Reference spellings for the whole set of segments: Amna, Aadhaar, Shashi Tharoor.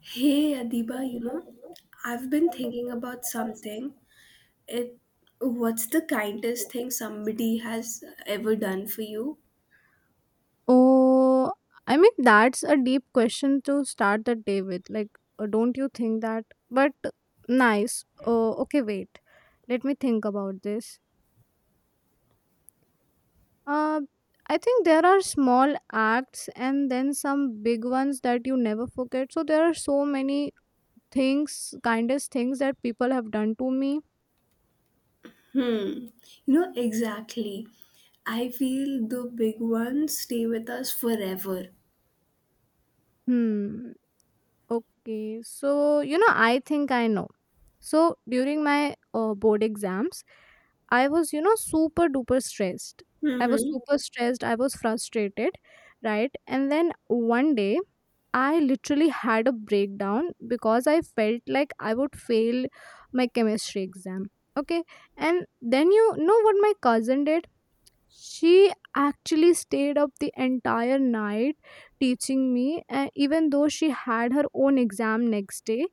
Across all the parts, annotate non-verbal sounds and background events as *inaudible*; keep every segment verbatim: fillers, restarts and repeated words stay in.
Hey Adiba, you know, I've been thinking about something. It What's the kindest thing somebody has ever done for you? Oh, I mean, that's a deep question to start the day with. Like, uh, don't you think that? But uh, Nice. Oh, okay, wait. Let me think about this. Uh, I think there are small acts and then some big ones that you never forget. So there are so many things, kindest things that people have done to me. Hmm. You know, exactly. I feel the big ones stay with us forever. Hmm. Okay. So, you know, I think I know. So during my uh, board exams, I was, you know, super duper stressed. I was Mm-hmm. super stressed. I was frustrated, right? And then one day, I literally had a breakdown because I felt like I would fail my chemistry exam. Okay. And then you know what my cousin did? She actually stayed up the entire night teaching me, uh, even though she had her own exam next day,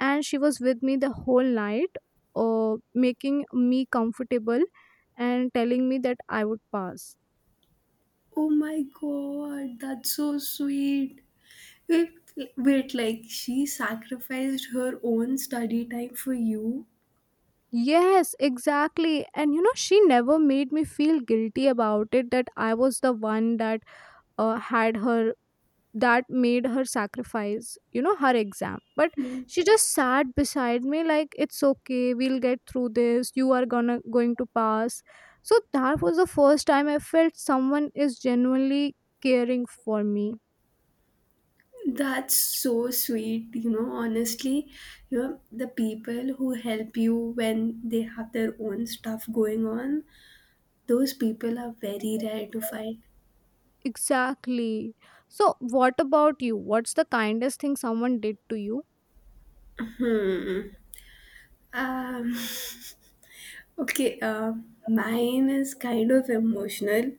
and she was with me the whole night, uh, making me comfortable and telling me that I would pass. Oh my god, that's so sweet. Wait, wait, like she sacrificed her own study time for you? Yes, exactly. And you know, she never made me feel guilty about it, that I was the one that uh, had her, that made her sacrifice, you know, her exam. But she just sat beside me like, it's okay, we'll get through this, you are gonna going to pass. So that was the first time I felt someone is genuinely caring for me. That's so sweet, you know. Honestly, you know, the people who help you when they have their own stuff going on, those people are very rare to find. Exactly. So what about you? What's the kindest thing someone did to you? Hmm. Um, *laughs* okay, uh, mine is kind of emotional.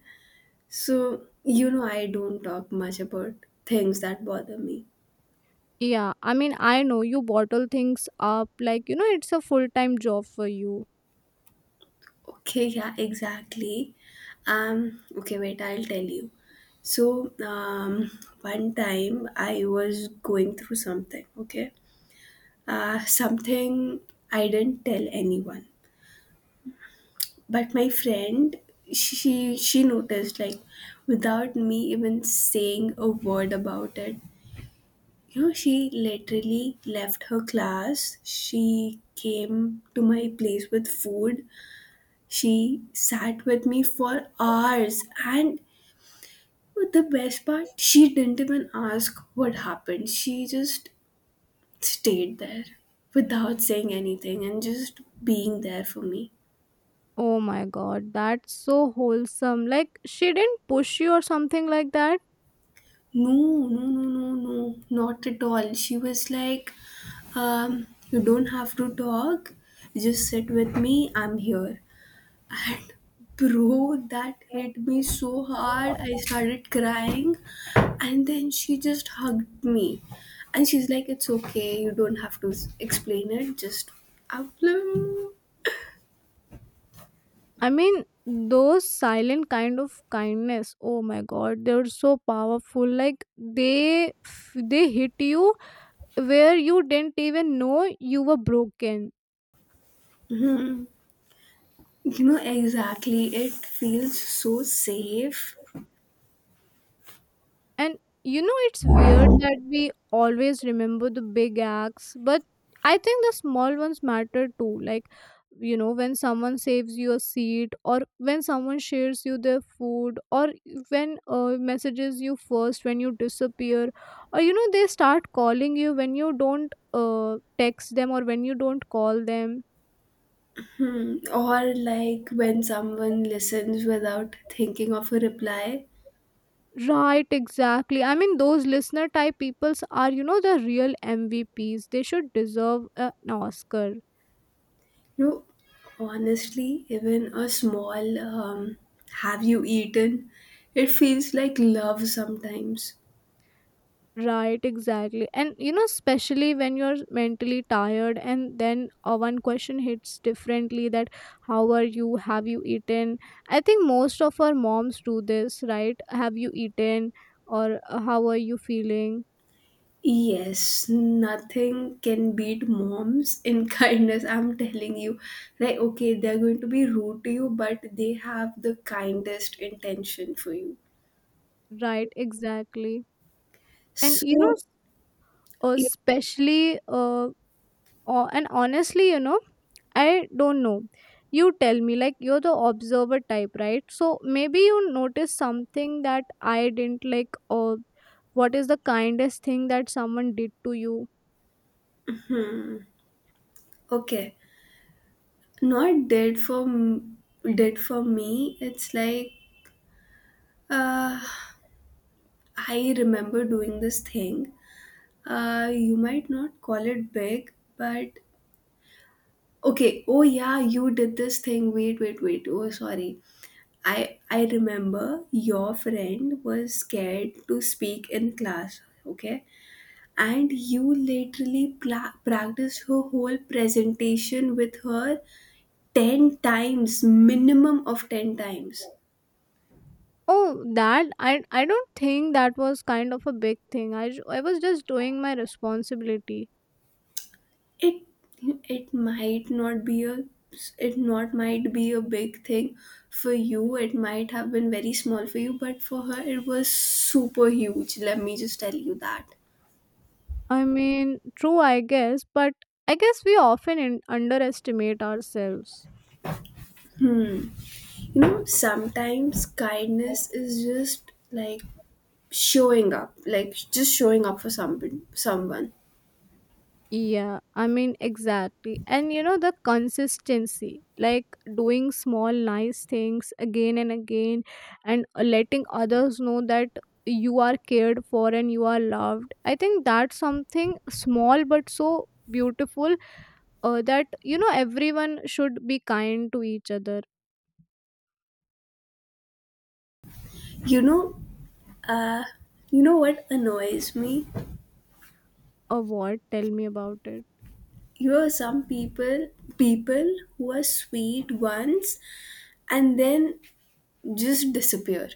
So, you know, I don't talk much about things that bother me. Yeah, I mean, I know you bottle things up, like, you know, it's a full time job for you. Okay, yeah, exactly. Um, okay, wait, I'll tell you. So, um, one time I was going through something, okay? Uh, something I didn't tell anyone. But my friend, she she noticed, like, without me even saying a word about it. You know, she literally left her class. She came to my place with food. She sat with me for hours, and the best part, she didn't even ask what happened. She just stayed there without saying anything and just being there for me. Oh my god, that's so wholesome. Like, she didn't push you or something like that. No, no, no, no, no, not at all. She was like, um, you don't have to talk, just sit with me, I'm here. And bro, that hit me so hard. I started crying. And then she just hugged me. And she's like, it's okay. You don't have to s- explain it. Just upload. *laughs* I mean, those silent kind of kindness. Oh my god, they're so powerful. Like, they they hit you where you didn't even know you were broken. Hmm. You know, exactly. It feels so safe. And you know, it's weird that we always remember the big acts, but I think the small ones matter too. Like, you know, when someone saves you a seat, or when someone shares you their food, or when uh, messages you first when you disappear, or you know, they start calling you when you don't uh, text them or when you don't call them. Hmm. Or like when someone listens without thinking of a reply. Right, exactly. I mean, those listener type peoples are, you know, the real M V Ps. They should deserve a- an Oscar. No, honestly, even a small um, have you eaten? It feels like love sometimes. Right, exactly. And, you know, especially when you're mentally tired and then uh, one question hits differently, that, how are you? Have you eaten? I think most of our moms do this, right? Have you eaten? Or uh, how are you feeling? Yes, nothing can beat moms in *laughs* kindness. I'm telling you. Like, okay, they're going to be rude to you, but they have the kindest intention for you. Right, exactly. And, you know, So, s- uh, yeah, especially, uh, uh, and honestly, you know, I don't know. You tell me, like you're the observer type, right? So maybe you noticed something that I didn't, like, or what is the kindest thing that someone did to you? hmm, okay, not dead for m- dead for me. It's like uh, I remember doing this thing. Uh, you might not call it big, but okay. Oh yeah, you did this thing. Wait, wait, wait. Oh, sorry. I I remember your friend was scared to speak in class, okay? And you literally pla- practiced her whole presentation with her ten times, minimum of ten times. Oh, that I I don't think that was kind of a big thing. I ju- I was just doing my responsibility. it it might not be a it not might be a big thing for you. It might have been very small for you, but for her it was super huge, let me just tell you that. I mean, true, I guess, but I guess we often in- underestimate ourselves. You know, sometimes kindness is just like showing up, like just showing up for someone. someone Yeah, I mean, exactly. And you know, the consistency, like doing small, nice things again and again, and letting others know that you are cared for and you are loved. I think that's something small but so beautiful, uh, that, you know, everyone should be kind to each other. You know, you know what annoys me? Or what? Tell me about it. You know, some people people who are sweet once and then just disappear.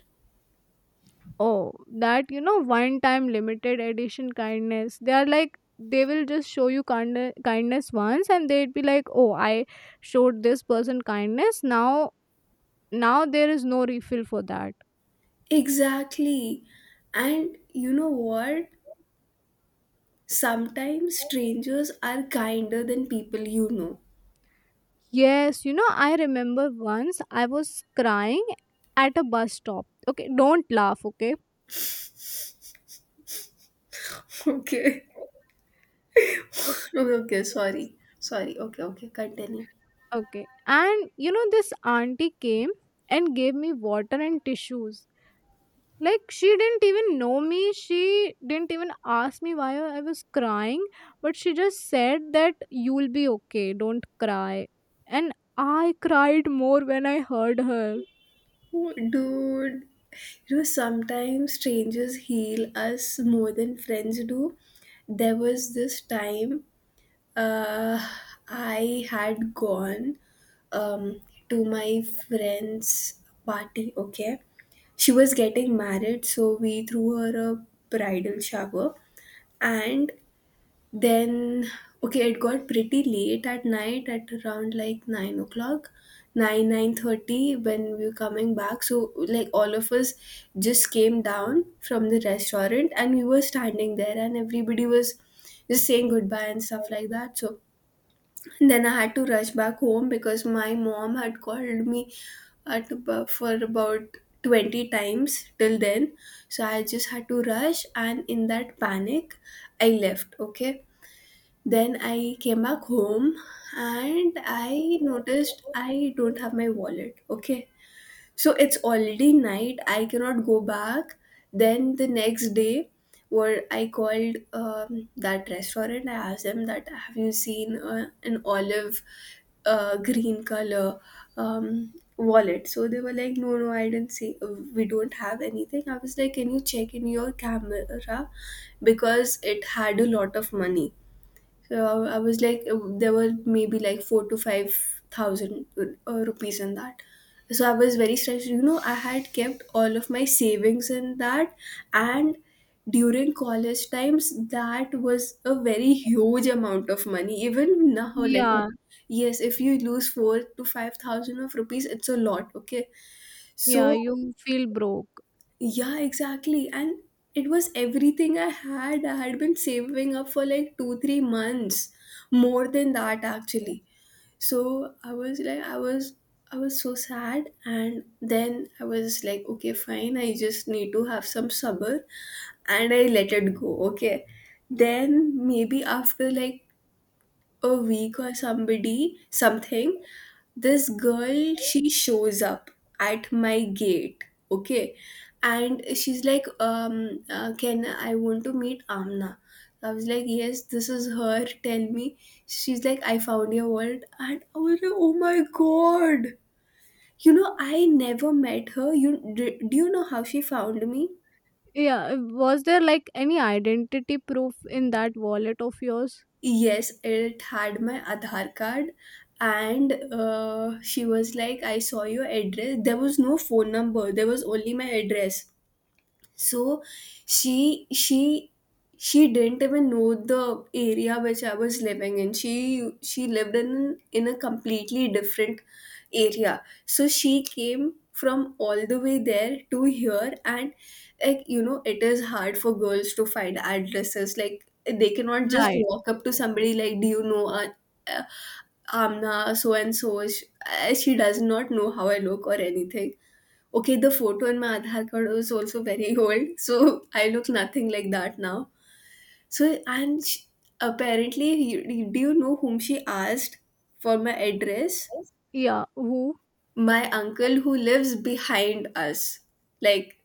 Oh, that, you know, one time limited edition kindness. They are like, they will just show you kind- kindness once and they'd be like, "Oh, I showed this person kindness. Now now there is no refill for that." Exactly. And you know what? Sometimes strangers are kinder than people you know. Yes, you know, I remember once I was crying at a bus stop. Okay, don't laugh, okay? *laughs* Okay. Okay. *laughs* Okay, okay, sorry. Sorry. Okay, okay, continue. Okay. And you know, this auntie came and gave me water and tissues. Like, she didn't even know me, she didn't even ask me why I was crying, but she just said that, you'll be okay, don't cry. And I cried more when I heard her. Dude, you know, sometimes strangers heal us more than friends do. There was this time. Uh, I had gone um, to my friend's party, okay? She was getting married, so we threw her a bridal shower. And then, okay, it got pretty late at night, at around like nine o'clock. nine nine thirty when we were coming back. So, like, all of us just came down from the restaurant and we were standing there and everybody was just saying goodbye and stuff like that. So, and then I had to rush back home because my mom had called me at abo- for about twenty times till then. So I just had to rush, and in that panic, I left. Okay. Then I came back home and I noticed I don't have my wallet. Okay, so it's already night, I cannot go back. Then the next day, what I called um, that restaurant, I asked them that have you seen uh, an olive uh, green color um, wallet. So they were like, no, no, I didn't see, uh, we don't have anything. I was like, can you check in your camera, because it had a lot of money. So I was like, uh, there were maybe like four to five thousand uh, rupees in that. So I was very stressed. You know, I had kept all of my savings in that, and during college times, that was a very huge amount of money. Even now, like, Yeah, yes, if you lose four to five thousand of rupees, it's a lot. Okay, yeah, so you feel broke. yeah, exactly. And it was everything I had. I had been saving up for like two, three months. More than that, actually. So I was like I was I was so sad. And then I was like, okay, fine, I just need to have some sabr, and I let it go. Okay. Then maybe after like a week or somebody something, this girl, she shows up at my gate, okay? And she's like, um uh, can I, want to meet Amna. I was like, yes, this is her, tell me. She's like, I found your wallet. And I was like, oh my god, you know, I never met her. You do, do you know how she found me? Yeah, was there like any identity proof in that wallet of yours? Yes, it had my Aadhaar card, and uh, she was like, I saw your address. There was no phone number, there was only my address. So she she she didn't even know the area which I was living in. She she lived in in a completely different area. So she came from all the way there to here. And, like, you know, it is hard for girls to find addresses. Like, they cannot just Right. walk up to somebody like, do you know, uh, uh, Amna, so and so. She does not know how I look or anything. Okay, the photo in my Aadhaar card was also very *laughs* old, so I look nothing like that now. So, and sh apparently, you- do you know whom she asked for my address? Yeah, who? My uncle who lives behind us. Like,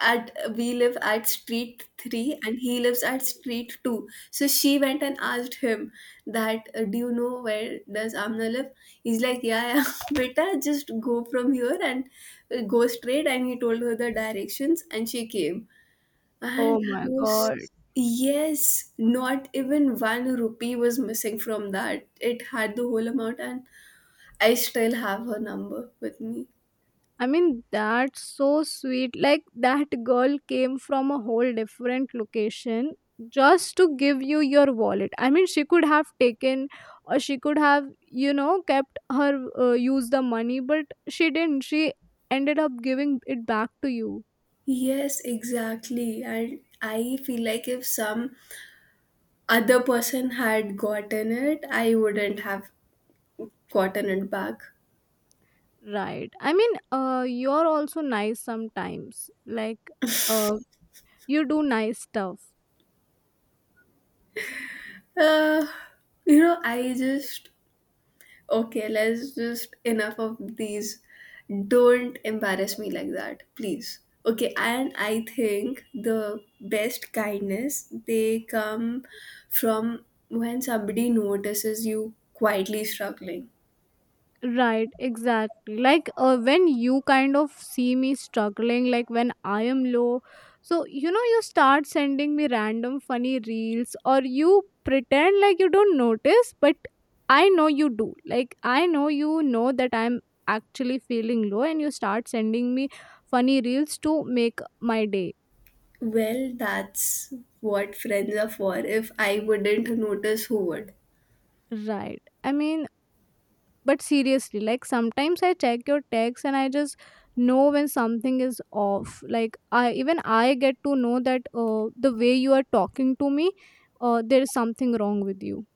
at we live at street three and he lives at street two. So she went and asked him that, uh, do you know where does Amna live? He's like, yeah, yeah, *laughs* beta, just go from here and uh, go straight. And he told her the directions and she came. And Oh I my was, god. yes, not even one rupee was missing from that. It had the whole amount. And I still have her number with me. I mean, that's so sweet. Like, that girl came from a whole different location just to give you your wallet. I mean, she could have taken, or she could have, you know, kept her, uh, use the money, but she didn't. She ended up giving it back to you. Yes, exactly. And I feel like if some other person had gotten it, I wouldn't have gotten it back. Right. I mean, uh, you're also nice sometimes. Like, uh, you do nice stuff. Uh, you know, I just, okay, let's just, enough of these. Don't embarrass me like that, please. Okay, and I think the best kindness, they come from when somebody notices you quietly struggling. Right, exactly. Like, uh, when you kind of see me struggling, like when I am low, so you know, you start sending me random funny reels, or you pretend like you don't notice, but I know you do. Like, I know you know that I'm actually feeling low, and you start sending me funny reels to make my day. Well, that's what friends are for. If I wouldn't notice, who would? Right. I mean, but seriously, like sometimes I check your text and I just know when something is off. Like, I even I get to know that, uh, the way you are talking to me, uh, there is something wrong with you.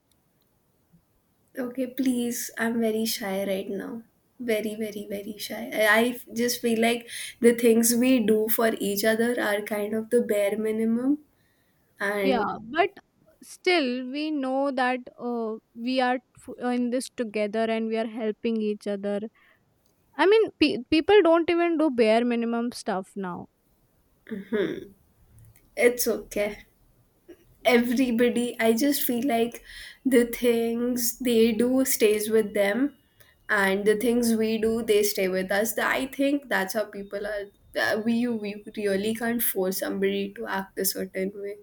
Okay, please. I'm very shy right now. Very, very, very shy. I I just feel like the things we do for each other are kind of the bare minimum, and Yeah, but still we know that, uh, we are f- uh, in this together and we are helping each other. I mean, pe- people don't even do bare minimum stuff now. it's okay. Everybody, I just feel like the things they do stays with them, and the things we do, they stay with us. Th- I think that's how people are. Uh, we we really can't force somebody to act a certain way.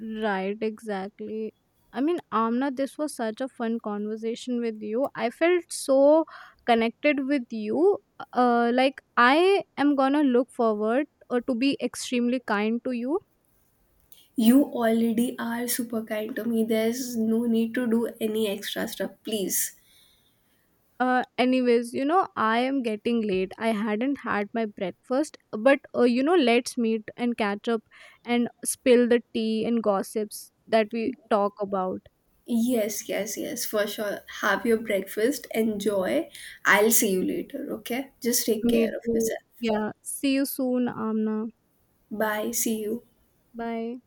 Right, exactly. I mean, Amna, this was such a fun conversation with you. I felt so connected with you. Uh, like, I am gonna look forward, uh, to be extremely kind to you. You already are super kind to me, there's no need to do any extra stuff, please. Uh, anyways, you know, I am getting late. I hadn't had my breakfast, but uh, you know, let's meet and catch up and spill the tea and gossips that we talk about. Yes, yes, yes, for sure, have your breakfast, enjoy. I'll see you later, okay, just take Me care of too. yourself. Yeah. See you soon, Amna. Bye, see you. Bye.